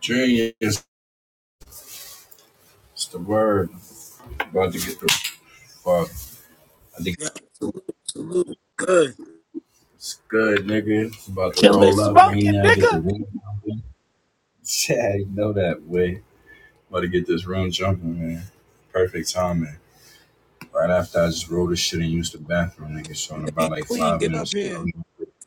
Junior is the word. About to get the fuck. I think Yeah, salute, salute. Good. it's good, nigga. about to Killing roll up smoke. right now. Get the room jumping. Yeah, you know that way. About to get this room jumping, man. Perfect timing. Right after I just rolled this shit and used the bathroom, nigga. So in Hey, about like Queen, five get up minutes, here. I'm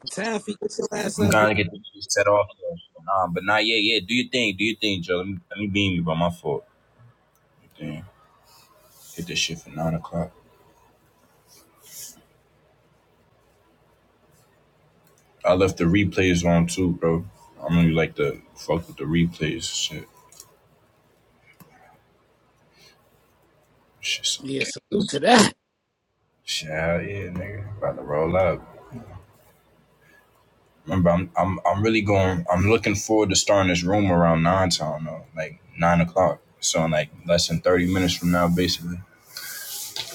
Taffy, get your ass up here. gonna get this shit set off. though. Um, but not yet. Yeah, do your thing. Do your thing, Joe. Let me, let me beam you, bro. My fault. Damn. Hit this shit for nine o'clock. I left the replays on too, bro. I'm going like to fuck with the replays. Shit, Yeah, shit, salute to that. shit, hell yeah, nigga. About to roll up. Remember, I'm, I'm, I'm really going. I'm looking forward to starting this room around nine time though, like nine o'clock. So in like less than thirty minutes from now, basically.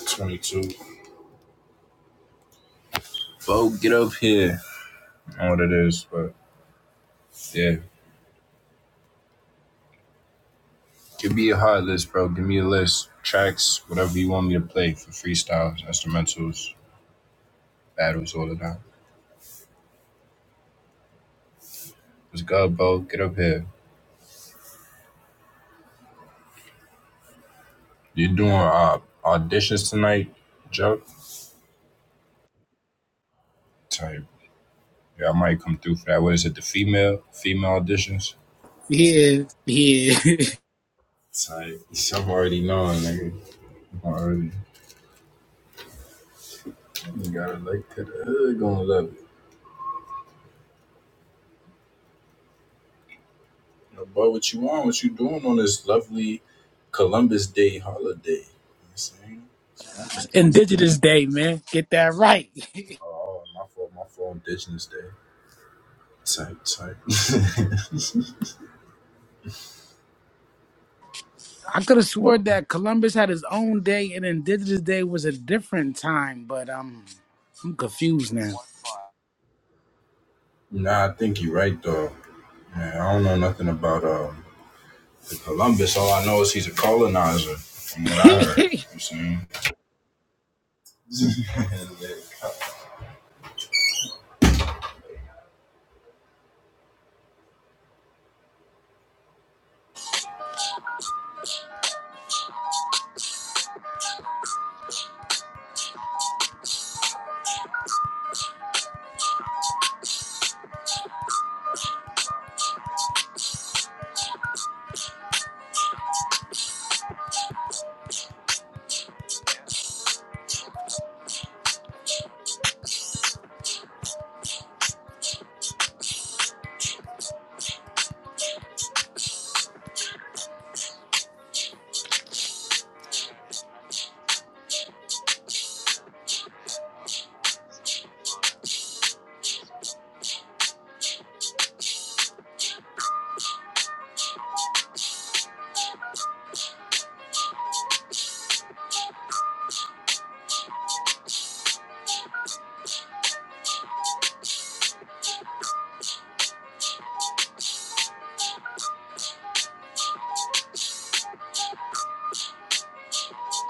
Twenty-two. Bro, get up here. I don't know what it is, but yeah. Give me a hot list, bro. Give me a list, tracks, whatever you want me to play for freestyles, instrumentals, battles, all of that. Let's go, bro. Get up here. You doing uh, auditions tonight, Joe? Type. Yeah, I might come through for that. What is it? The female female auditions. Yeah, yeah. Type. I'm already knowing, nigga. I'm already. You gotta like to the hood, gonna love it. No, but what you want? What you doing on this lovely Columbus Day holiday? You know what I'm saying? It's on. Indigenous Day, man. Get that right. Oh, my fault. My fault. Indigenous Day. Type. Type. I could have sworn that Columbus had his own day and Indigenous Day was a different time, but um, I'm confused now. nah, I think you're right though. Man, I don't know nothing about um Columbus, all I know is he's a colonizer, from what I heard. You see?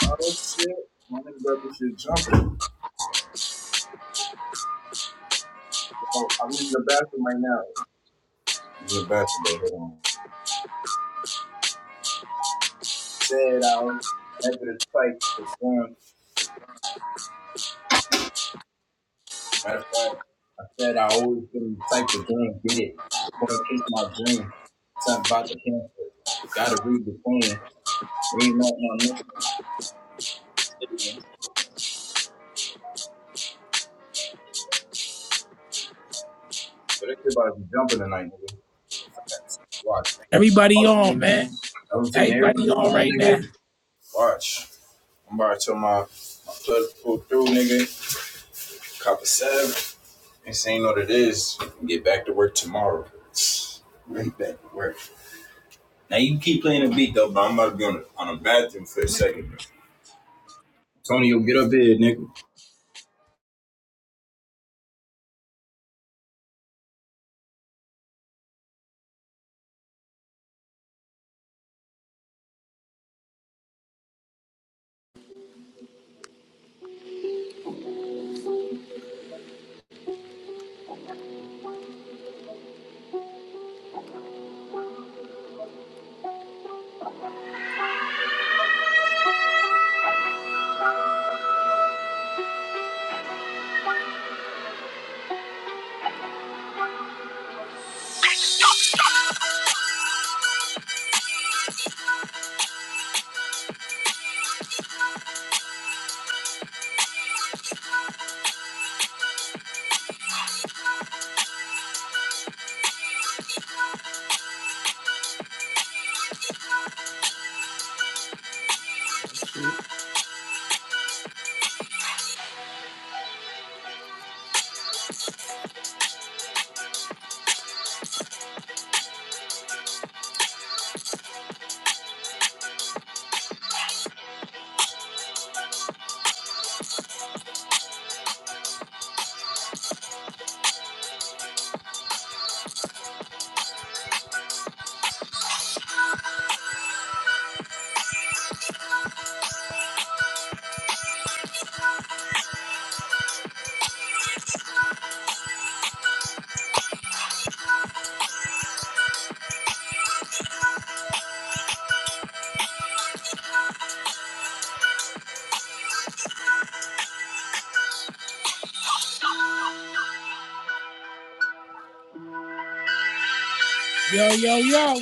oh shit! My nigga got this shit jumping. Oh, I'm in the bathroom right now. He's in the bathroom, but hold on. Said I was after the fight the gun. Matter of fact, I said I always been the type to go get it, Going to chase my dream. Something about the pamphlet. Gotta read the plan. Read not my missing statements. Yo, they shit about to be jumping tonight, nigga. Watch. Everybody All the on, man. I'm saying Everybody everybody on on, right nigga. now. Watch. I'm about to tell my, my plug to pull through, nigga. Cop a seven. And saying what it is. Get back to work tomorrow. Right back to work. Now you keep playing the beat though, but I'm about to be on the on the bathroom for a second. Bro. Tony, you get up here, nigga. Yo, yo, yo.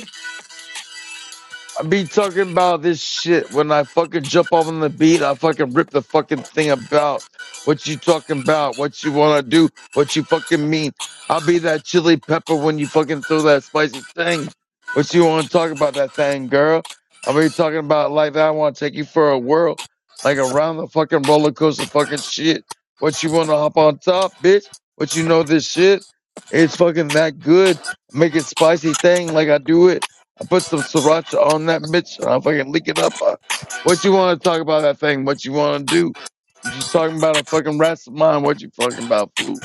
I be talking about this shit when I fucking jump off on the beat. I fucking rip the fucking thing about what you talking about, what you want to do, what you fucking mean. I'll be that chili pepper when you fucking throw that spicy thing. What you want to talk about that thing, girl? I'll be talking about it like that. I want to take you for a whirl, like around the fucking roller coaster fucking shit. What you want to hop on top, bitch? What you know this shit? It's fucking that good. Make it spicy thing like I do it. I put some sriracha on that bitch and I fucking lick it up. Uh, what you want to talk about that thing? What you want to do? I'm just talking about a fucking rest of mine. What you fucking about, flu?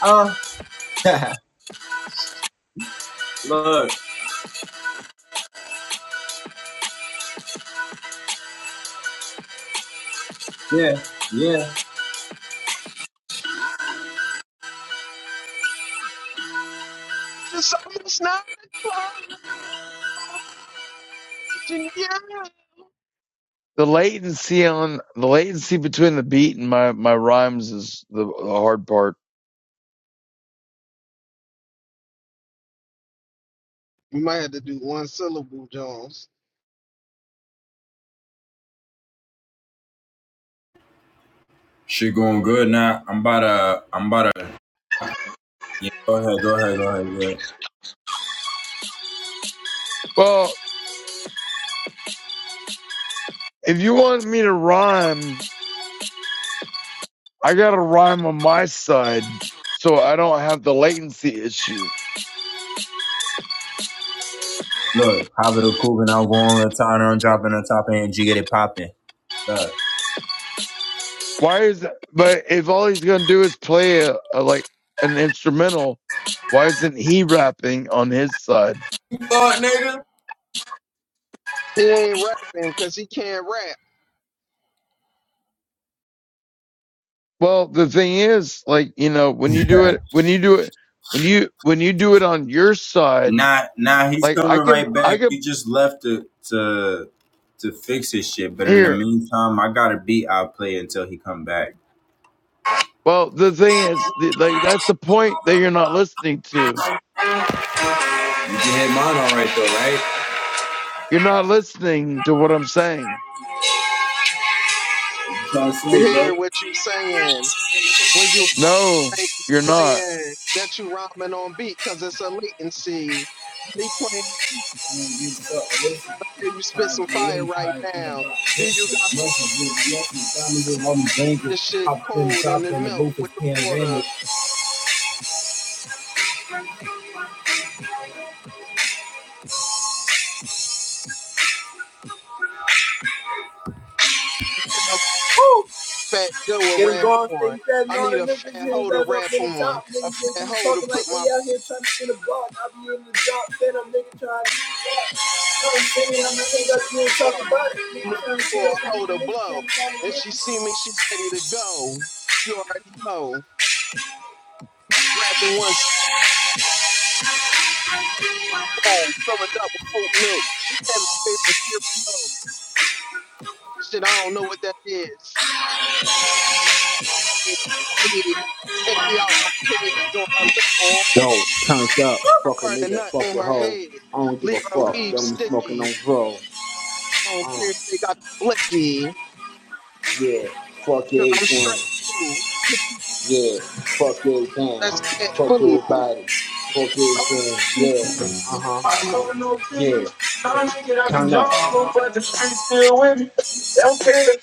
Ah, uh, look, yeah, yeah. It's almost nine o'clock. i you. The latency on the latency between the beat and my my rhymes is the, the hard part. You might have to do one syllable, Jones. Shit going good now. I'm about to, I'm about to. Yeah, go ahead, go ahead, go ahead, go ahead. Well, if you want me to rhyme, I gotta rhyme on my side so I don't have the latency issue. Look, yeah, look. Why is that? But if all he's gonna do is play a, a like an instrumental, why isn't he rapping on his side? Fuck, nigga. He ain't rapping because he can't rap. Well, the thing is, like you know, when you do it, when you do it, when you when you do it on your side, Nah, nah, he's like I coming can, right I back. He can just left to to to fix his shit. But in the here. meantime, I got a beat I'll play until he come back. Well, the thing is, the, like that's the point that you're not listening to. You can hit mine all right though, right? You're not listening to what I'm saying. We hear what you saying when you No, ain't you're not. playing that you rhyming on beat because it's a latency. He playing Mm, up here, you spit some get fire in, right now. Then you got really, this shit cold and it melt with the water. And a fat Joe a rap gone, on. stay fast, and I all need the a niggas fat hit his hoe to ass rap up in the on. top. A Niggas, they fat be hoe to talking like put my they out here trying to spin a block. I be in the drop, then I'm nigga trying to Baby, I'm not thinking 'bout you. talk about it. You I'm looking can't see for a it on hoe my to lip, blow. can't And find it. she see me, she ready to go. You already know. Just wrapping one bowl, fill it up with oat milk. And my favorite cereal. Shit, I don't know what that is. Yeah, I did. Empty out my kids on her lip or on Yo, turned up, her fuck a part nigga, nut fuck on your her hoe. head. I don't give Leave a her fuck. weave Yo, I'm smoking sticky. on dro. I don't Uh, care if they got the blicky. yeah, fuck Cause I'm straight everything. too. Yeah, fuck everything. That's cat Fuck food. everybody. Fuck everything. Yeah. Uh huh. Yeah. Turn up.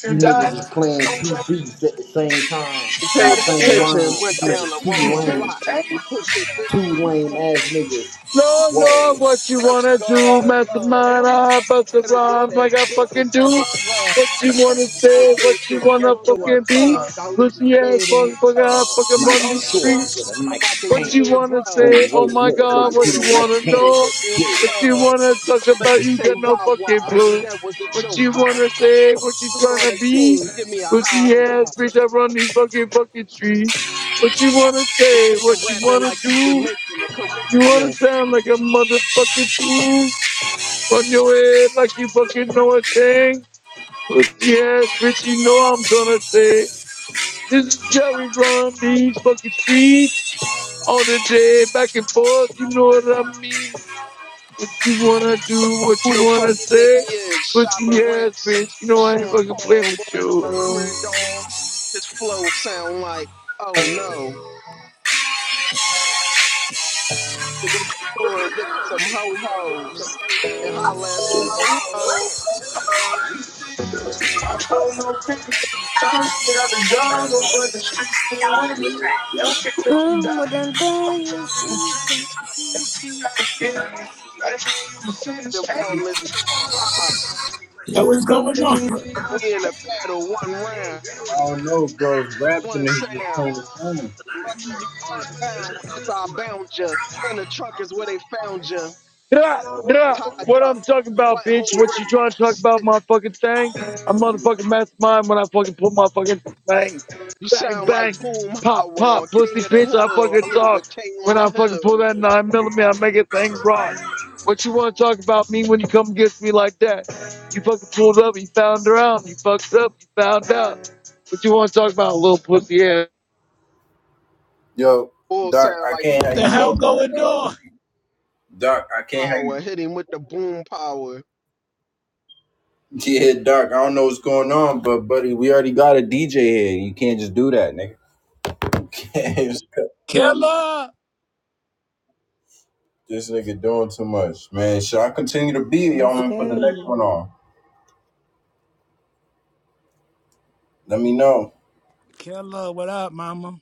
You niggas is playing two beats at the same time in Paying the same attention, rhyme. went You down the niggas too wrong lame. block. Hit your Two bitch lame ass niggas. Lord, Lord, Whoa. what you Now she wanna all do? in love. Mastermind, I bust the Hit her with rhymes that like I dick. fucking It's like a do. drug. What you wanna I don't say? care if What you're you a wanna gangster or a fucking be? thug. I'll leave you Pussy ass dead in your motherfucker, I tub. fucking Nike run these shorts streets. and a I'm Nike about to What eat pants. you me a grub. wanna Let me say? Oh wait a my minute, Should let I me God, go do what you to my Nike wanna Wendy's and know? get dance. me a Yeah, What you sub? wanna talk I meant about? to You say got no why fucking why. clue. That was a What joke. you Ha wanna ha. say? What you We on tryna a be? team. Give me a high Pussy ass five. bitch, I run these fucking fucking streets. What you wanna This say? nigga What you rapping wanna like he do? Jamaican, the You wanna Caribbean. sound like a motherfucking fool? Run your head like you fucking know a thing. I'm Pussy ass bitch, you know I'm gonna say. This is Jerry run these fucking streets all the day, back and forth. You know what I mean? What you wanna do? What Who you the fuck wanna you think he say? is? Shabba Pussy ass Ranks, bitch, you know I ain't Sean fucking playing Paul, with one of you. those weird dogs. His flow sound like, oh no, I have to go to the store and get me some ho hos and holla at some ho hos. Mm, what I'm doing, mm, i Them all this time. Yo, what's going on? only We in a got two left. battle, one round, one sound. I know. I'll leave you unbound after I bound ya. I And got the it. trunk is where they found ya. Yeah, yeah. Tied What up, I'm talking about, bitch? butthole What ripped you Duh. trying up, to talk slit about, motherfucking thing? I'm motherfucking mastermind when I fucking put my fucking bang, You bang, sound bang, like Boom pop, Howard on pop, pussy, King of the bitch. I On the Hill. I fucking leave a talk king on when I the fucking pull hill. that nine millimeter. I make couch. a thing rock. I What you want to talk about me when you come against me like that? You fucking pulled up, you found around, you fucked up, you found out. What you want to talk about, little pussy ass? Yo, Bull Doc, sound I like can't What have the you doing hell that, going bro. on? Doc, I can't have you power. Hit him with the boom power. Yeah, Doc, I don't know what's going on, but buddy, we already got a DJ here. You can't just do that, nigga. You Can't- just, Killer! this nigga doing too much, man. Should I continue to be? Y'all That's want me to put the next one good. on? Let me know. Killer, what up, mama?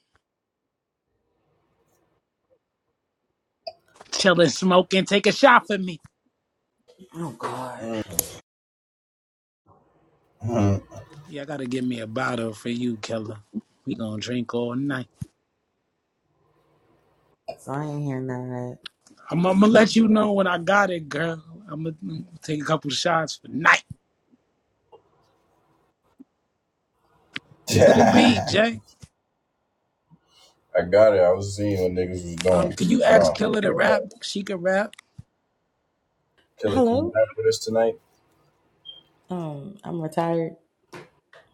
Chilling, smoking, take a shot for me. Oh God. Y'all gotta give me a bottle for you, Killer. We gonna drink all night. So I ain't hearing that. I'm, I'm gonna let you know when I got it, girl. I'm gonna take a couple shots for night I to the beat, Jay. got it. I was seeing what niggas was Um, doing. can you Hold ask on. Killer to rap? She can rap. Killer, can you Hello? rap with us tonight? Um, I'm retired,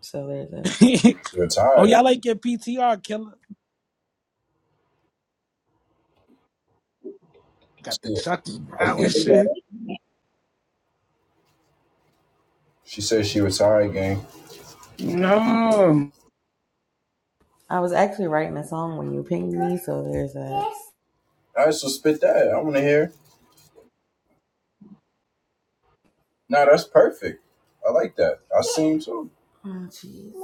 so there's a oh, Retired. y'all like your PTR, Killer? Got the Shit. Chucky Brown Okay. and man. shit. She said she retired, gang. No, I was actually writing a song when you pinged me, so there's a All right, so spit that. I want to hear. Nah, that's perfect. I like that. I seen too. Oh jeez.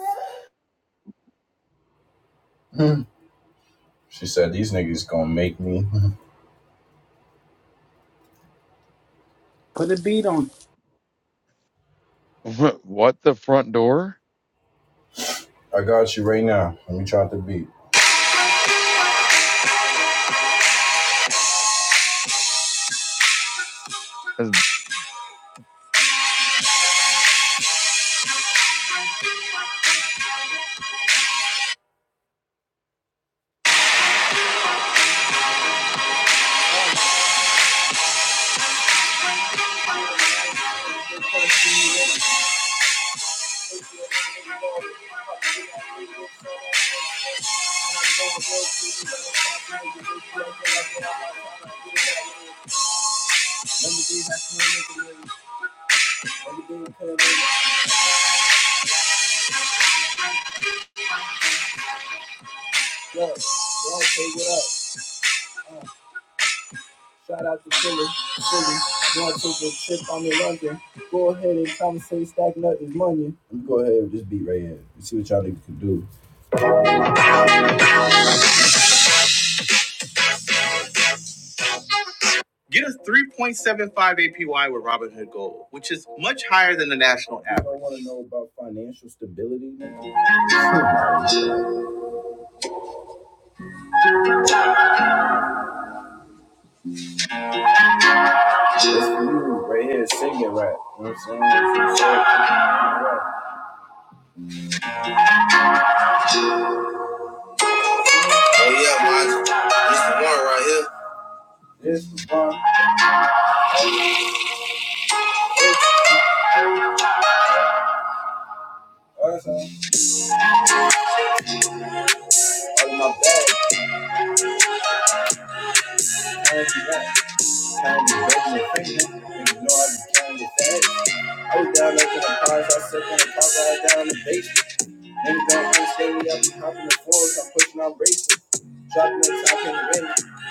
She said these niggas gonna make me. put a beat on What the front door? I got you right now. Let me try the beat. Shout out to Philly, Philly. Going to the trip, I'm in London. Go ahead and conversate, stack nut is money. Let me go ahead with this beat right here. You see what y'all niggas can do. Get a 3.75 APY with Robinhood Gold, which is much higher than the national average. Steady up, and hopping the floors, I'm pushing on braces. Dropping the top in the rim.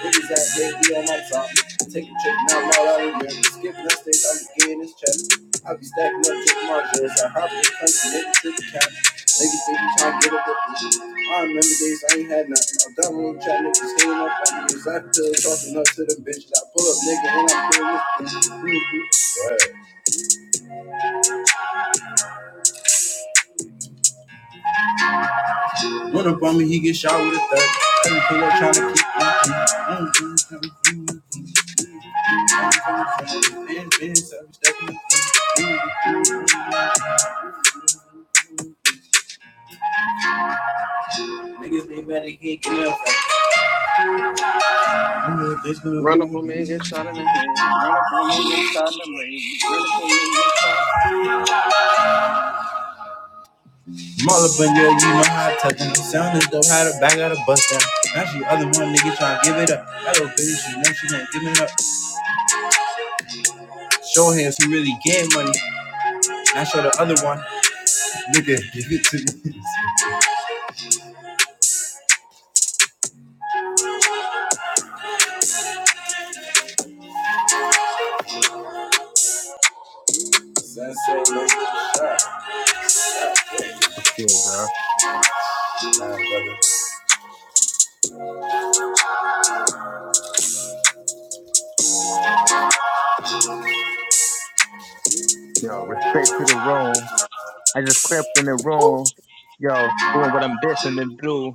Niggas that they be on my top. Take a check, now I'm all out of here. Skipping the stage, I'm just getting this check. I be stacking up chick margins. I hop in the country, niggas to the cap. Niggas think you trying to get up the me. I remember days I ain't had nothing. I'm done with the chat, niggas hanging up on me. Zap pills, talking up to them bitches. I pull up, nigga, and I'm feeling this bitch. Mhm. Run up on me, he get shot with a third. Every pull up trying to keep it in business. Every Run, run up on me and get shot. step. Someday Yo, bro. Yo, respect to the room. I just crept in the room, yo, doing what I'm destined to do.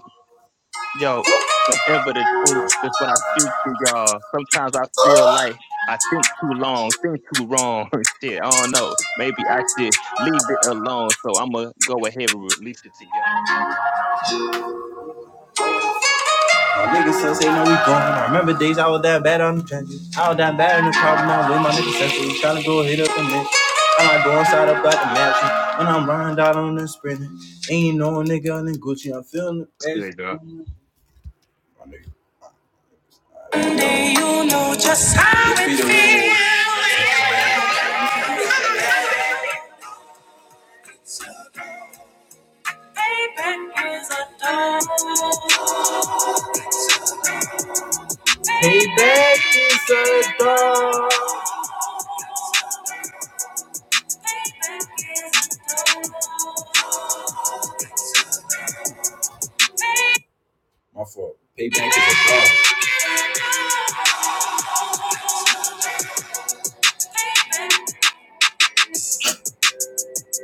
Yo, whatever the truth, that's what I speak to y'all. Sometimes I feel like I think too long, think too wrong. Shit, I don't know. Maybe I should leave it alone. So I'm going to go ahead and release it to y'all. It's good, dawg. you know just how it feels. Payback is a dog. Payback is a dog. My fault. Payback is a dog.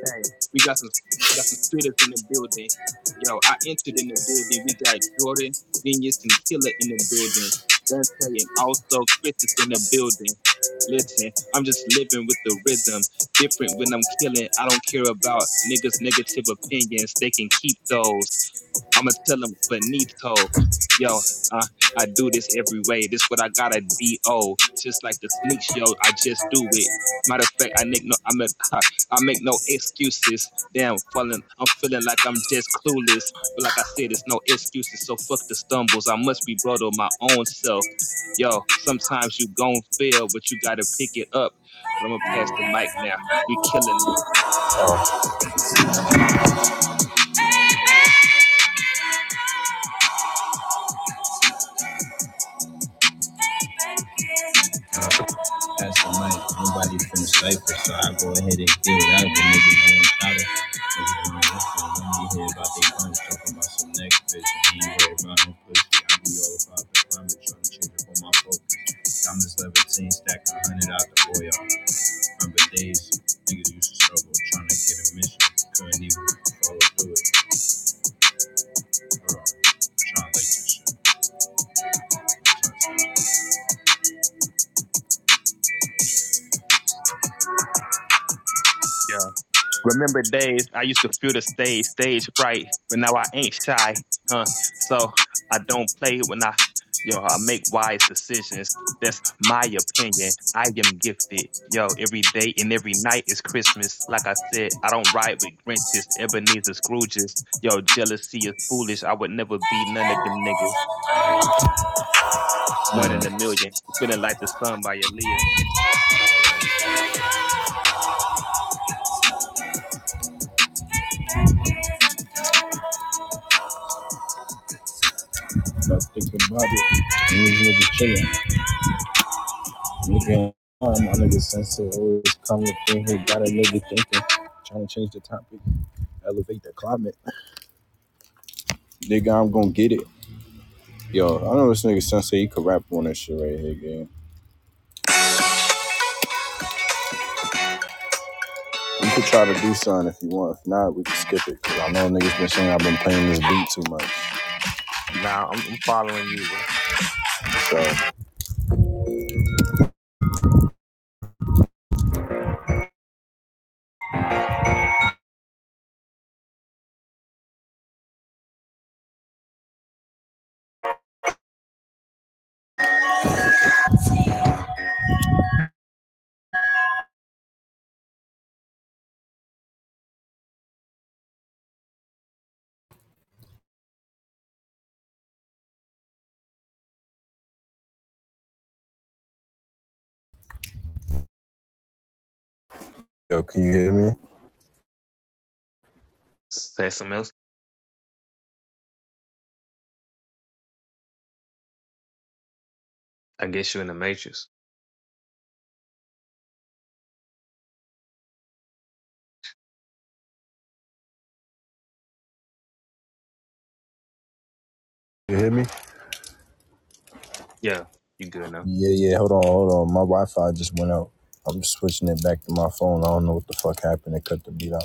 Hey, we got some we got some spitters in the building. Yo, I entered in the building. We got Jordan, Genius, and Killer in the building. Dante and also Chris is in the building. Listen, I'm just living with the rhythm. Different when I'm killing. I don't care about niggas' negative opinions. They can keep those. I'm gonna tell them finito. Yo, uh, I do this every way. This what I got a do. oh, Just like the sneaks, yo. I just do it. Matter of fact, I make no, I'm a, I make no excuses. Damn, falling, I'm feeling like I'm just clueless. But like I said, it's no excuses. So fuck the stumbles. I must be brought on my own self. Yo, sometimes you gon' fail, but you gotta pick it up. But I'm gonna pass Payback the mic now. We killing is a dog. That's the mic. Nobody from the cypher, so I go ahead and get it out. The niggas ain't out of. Niggas ain't When you hear about they guns talking about some next bitch, and you worry about no pussy. I be all about the climate, trying to change up on my focus. Diamonds levitating, stack a hundred out the oil. Remember days, niggas used to struggle trying to get a mission. Couldn't even follow through it. Bro, I'm trying to like this now. Remember days I used to feel the stage, stage fright, but now I ain't shy, huh? So I don't play when I, yo, I make wise decisions. That's my opinion. I am gifted. Yo, every day and every night is Christmas. Like I said, I don't ride with Grinches, Ebenezer Scrooges. Yo, jealousy is foolish. I would never be none of them niggas. One in a million. Feeling like the sun by Aaliyah. Whatever. shit. that stinking body. These niggas chilling. Nigga, um, my nigga sensei always come up in here, got a nigga thinking. Trying to change the topic, elevate the climate. Nigga, I'm gonna get it. Yo, I know this nigga sensei, he could rap on this shit right here, gang. You could try to do something if you want. If not, we can skip it. Cause I know niggas been saying I've been playing this beat too much. Nah, I'm, I'm following you, bro. So, yo, can you hear me? Say something else. I guess you in the matrix. You hear me? Yeah, you good now. Yeah, yeah, hold on, hold on. My Wi Fi just went out. I'm switching it back to my phone. I don't know what the fuck happened. It cut the beat out.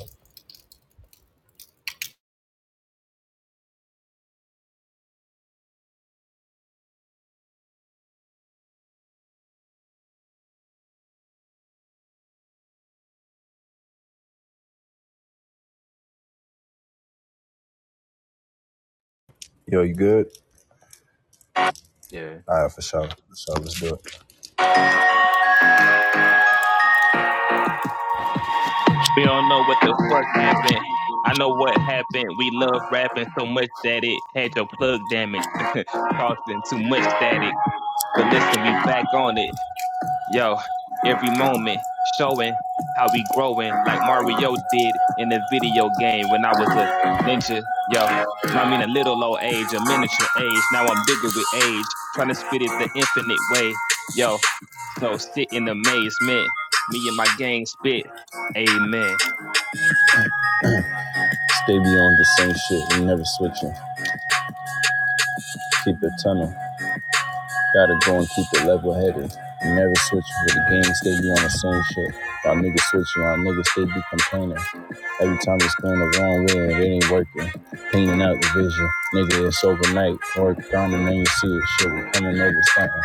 Yo, you good? Yeah. All right, for sure. So let's do it. We don't know what the fuck happened. I know what happened. We love rapping so much that it had your plug damaged, causing too much static. But listen, we back on it. yo, every moment showing how we growing like Mario did in the video game when I was a ninja, yo. I mean, a little old age, a miniature age. Now I'm bigger with age, trying to spit it the infinite way, yo. So sit in amazement. Me and my gang spit. Amen. Stay beyond the same shit and never switching. Keep it tunnel. Gotta go and keep it level headed. You never switch for the games, they be on the same shit. Y'all niggas switching, y'all niggas, they be complaining. Every time it's going the wrong way and it ain't working. Cleaning out the vision, nigga, it's overnight. Work on and then you see it, shit, we coming over something.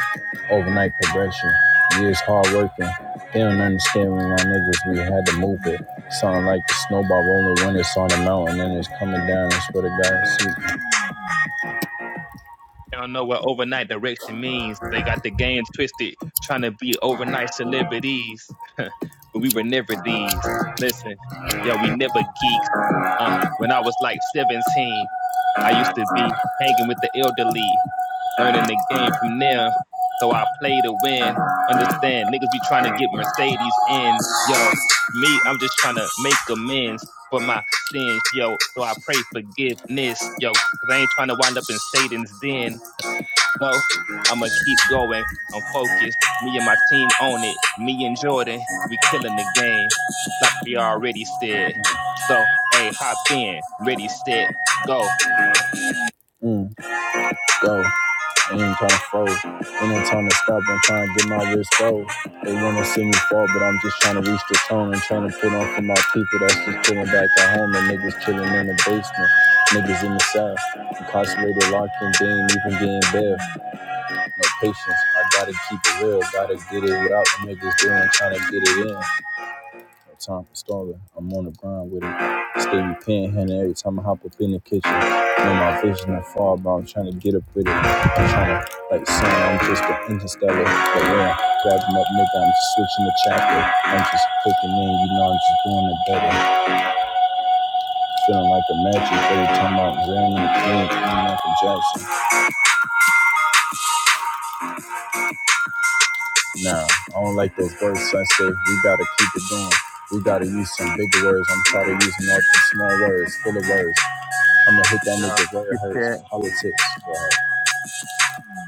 Overnight progression, years hard working. They don't understand when my niggas, we had to move it. Sound like the snowball rolling when it's on the mountain and it's coming down. I swear to God, see I don't know what overnight direction means. They got the game twisted, trying to be overnight celebrities, but we were never these. Listen, yo, we never geeks Uh, when I was like 17, I used to be hanging with the elderly, learning the game from them. So I play to win. Understand, niggas be trying to get Mercedes in. Yo, me, I'm just trying to make amends for my sins, yo. So I pray forgiveness, yo, because I ain't trying to wind up in Satan's den. No, I'm gonna keep going. I'm focused. Me and my team own it. Me and Jordan, we killing the game, like we already said. So, hey, hop in. Ready, set, go. road. And I'm to stop, I'm trying to get my wrist rolled. They wanna see me fall, but I'm just trying to reach the tone. I'm trying to put on for my people that's just chilling back at home. And niggas chilling in the basement, niggas in the south. Incarcerated, locked in, they ain't even getting bail. No patience, I gotta keep it real, gotta get it without the niggas doing, trying to get it in time for stalling. I'm on the grind with it. Steady panhandling every time I hop up in the kitchen. Know my vision and far, but I'm trying to get up with it. I'm trying to, like, saying I'm just an interstellar. But yeah, grabbing up, nigga, I'm just switching the chapter. I'm just clicking in, you know, I'm just doing it better. Feeling like a magic every time I'm in the clinic. I'm Michael Jackson. Nah, I don't like those words so I say. We gotta keep it going. We gotta use some bigger words. I'm tired of using all these small words, full of words. I'm gonna hit that Yeah. nigga where it you Hurts said politics. Right?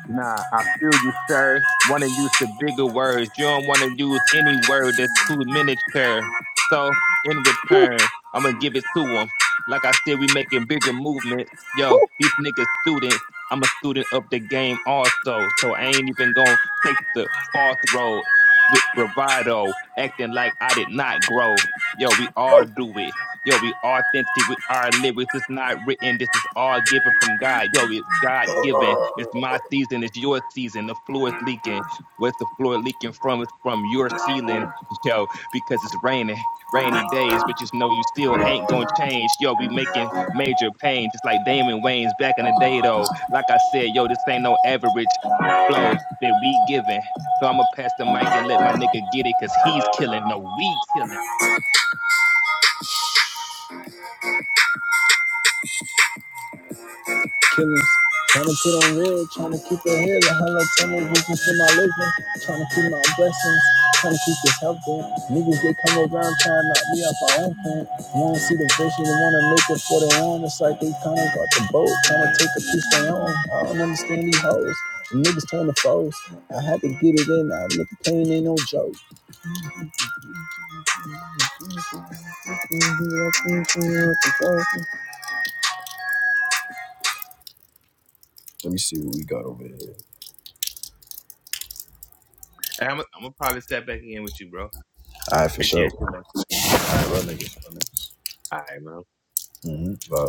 Nah, I feel you, sir. Want to use the bigger words. You don't want to use any word that's too miniature. So, in return, I'm going to give it to them. Like I said, we making bigger movements. Yo, these niggas students. I'm a student of the game also. So, I ain't even going to take the false road with bravado, acting like I did not grow. Yo, we all do it. Yo, we are authentic. We are lyrics. It's not written. This is all given from God. Yo, it's God given. It's my season. It's your season. The floor is leaking. Where's the floor leaking from? It's from your ceiling. Yo, because it's raining. Rainy days, but just know you still ain't gonna change. Yo, we making major pain, just like Damon Wayans back in the day though. Like I said, yo, this ain't no average flow that we giving. So I'm gonna pass the mic and let my nigga get it, cause he's killing. No, we killing. Killings, trying to put on real, trying to keep it here. The hell up, tell me reason for my living, trying to keep my blessings, trying to keep this healthy. Niggas they come around trying to knock me off my own thing. You don't see the vision, they wanna make it for their own. It's like they kinda got the boat, trying to take a piece of their own. I don't understand these hoes. The Niggas turn to foes. I had to get it in. I look, pain ain't no joke. Let me see what we got over here. And I'm, I'm gonna probably step back in with you, bro. All right, for sure. Appreciate you, All man. right, run, nigga. your man. Mhm. Uh,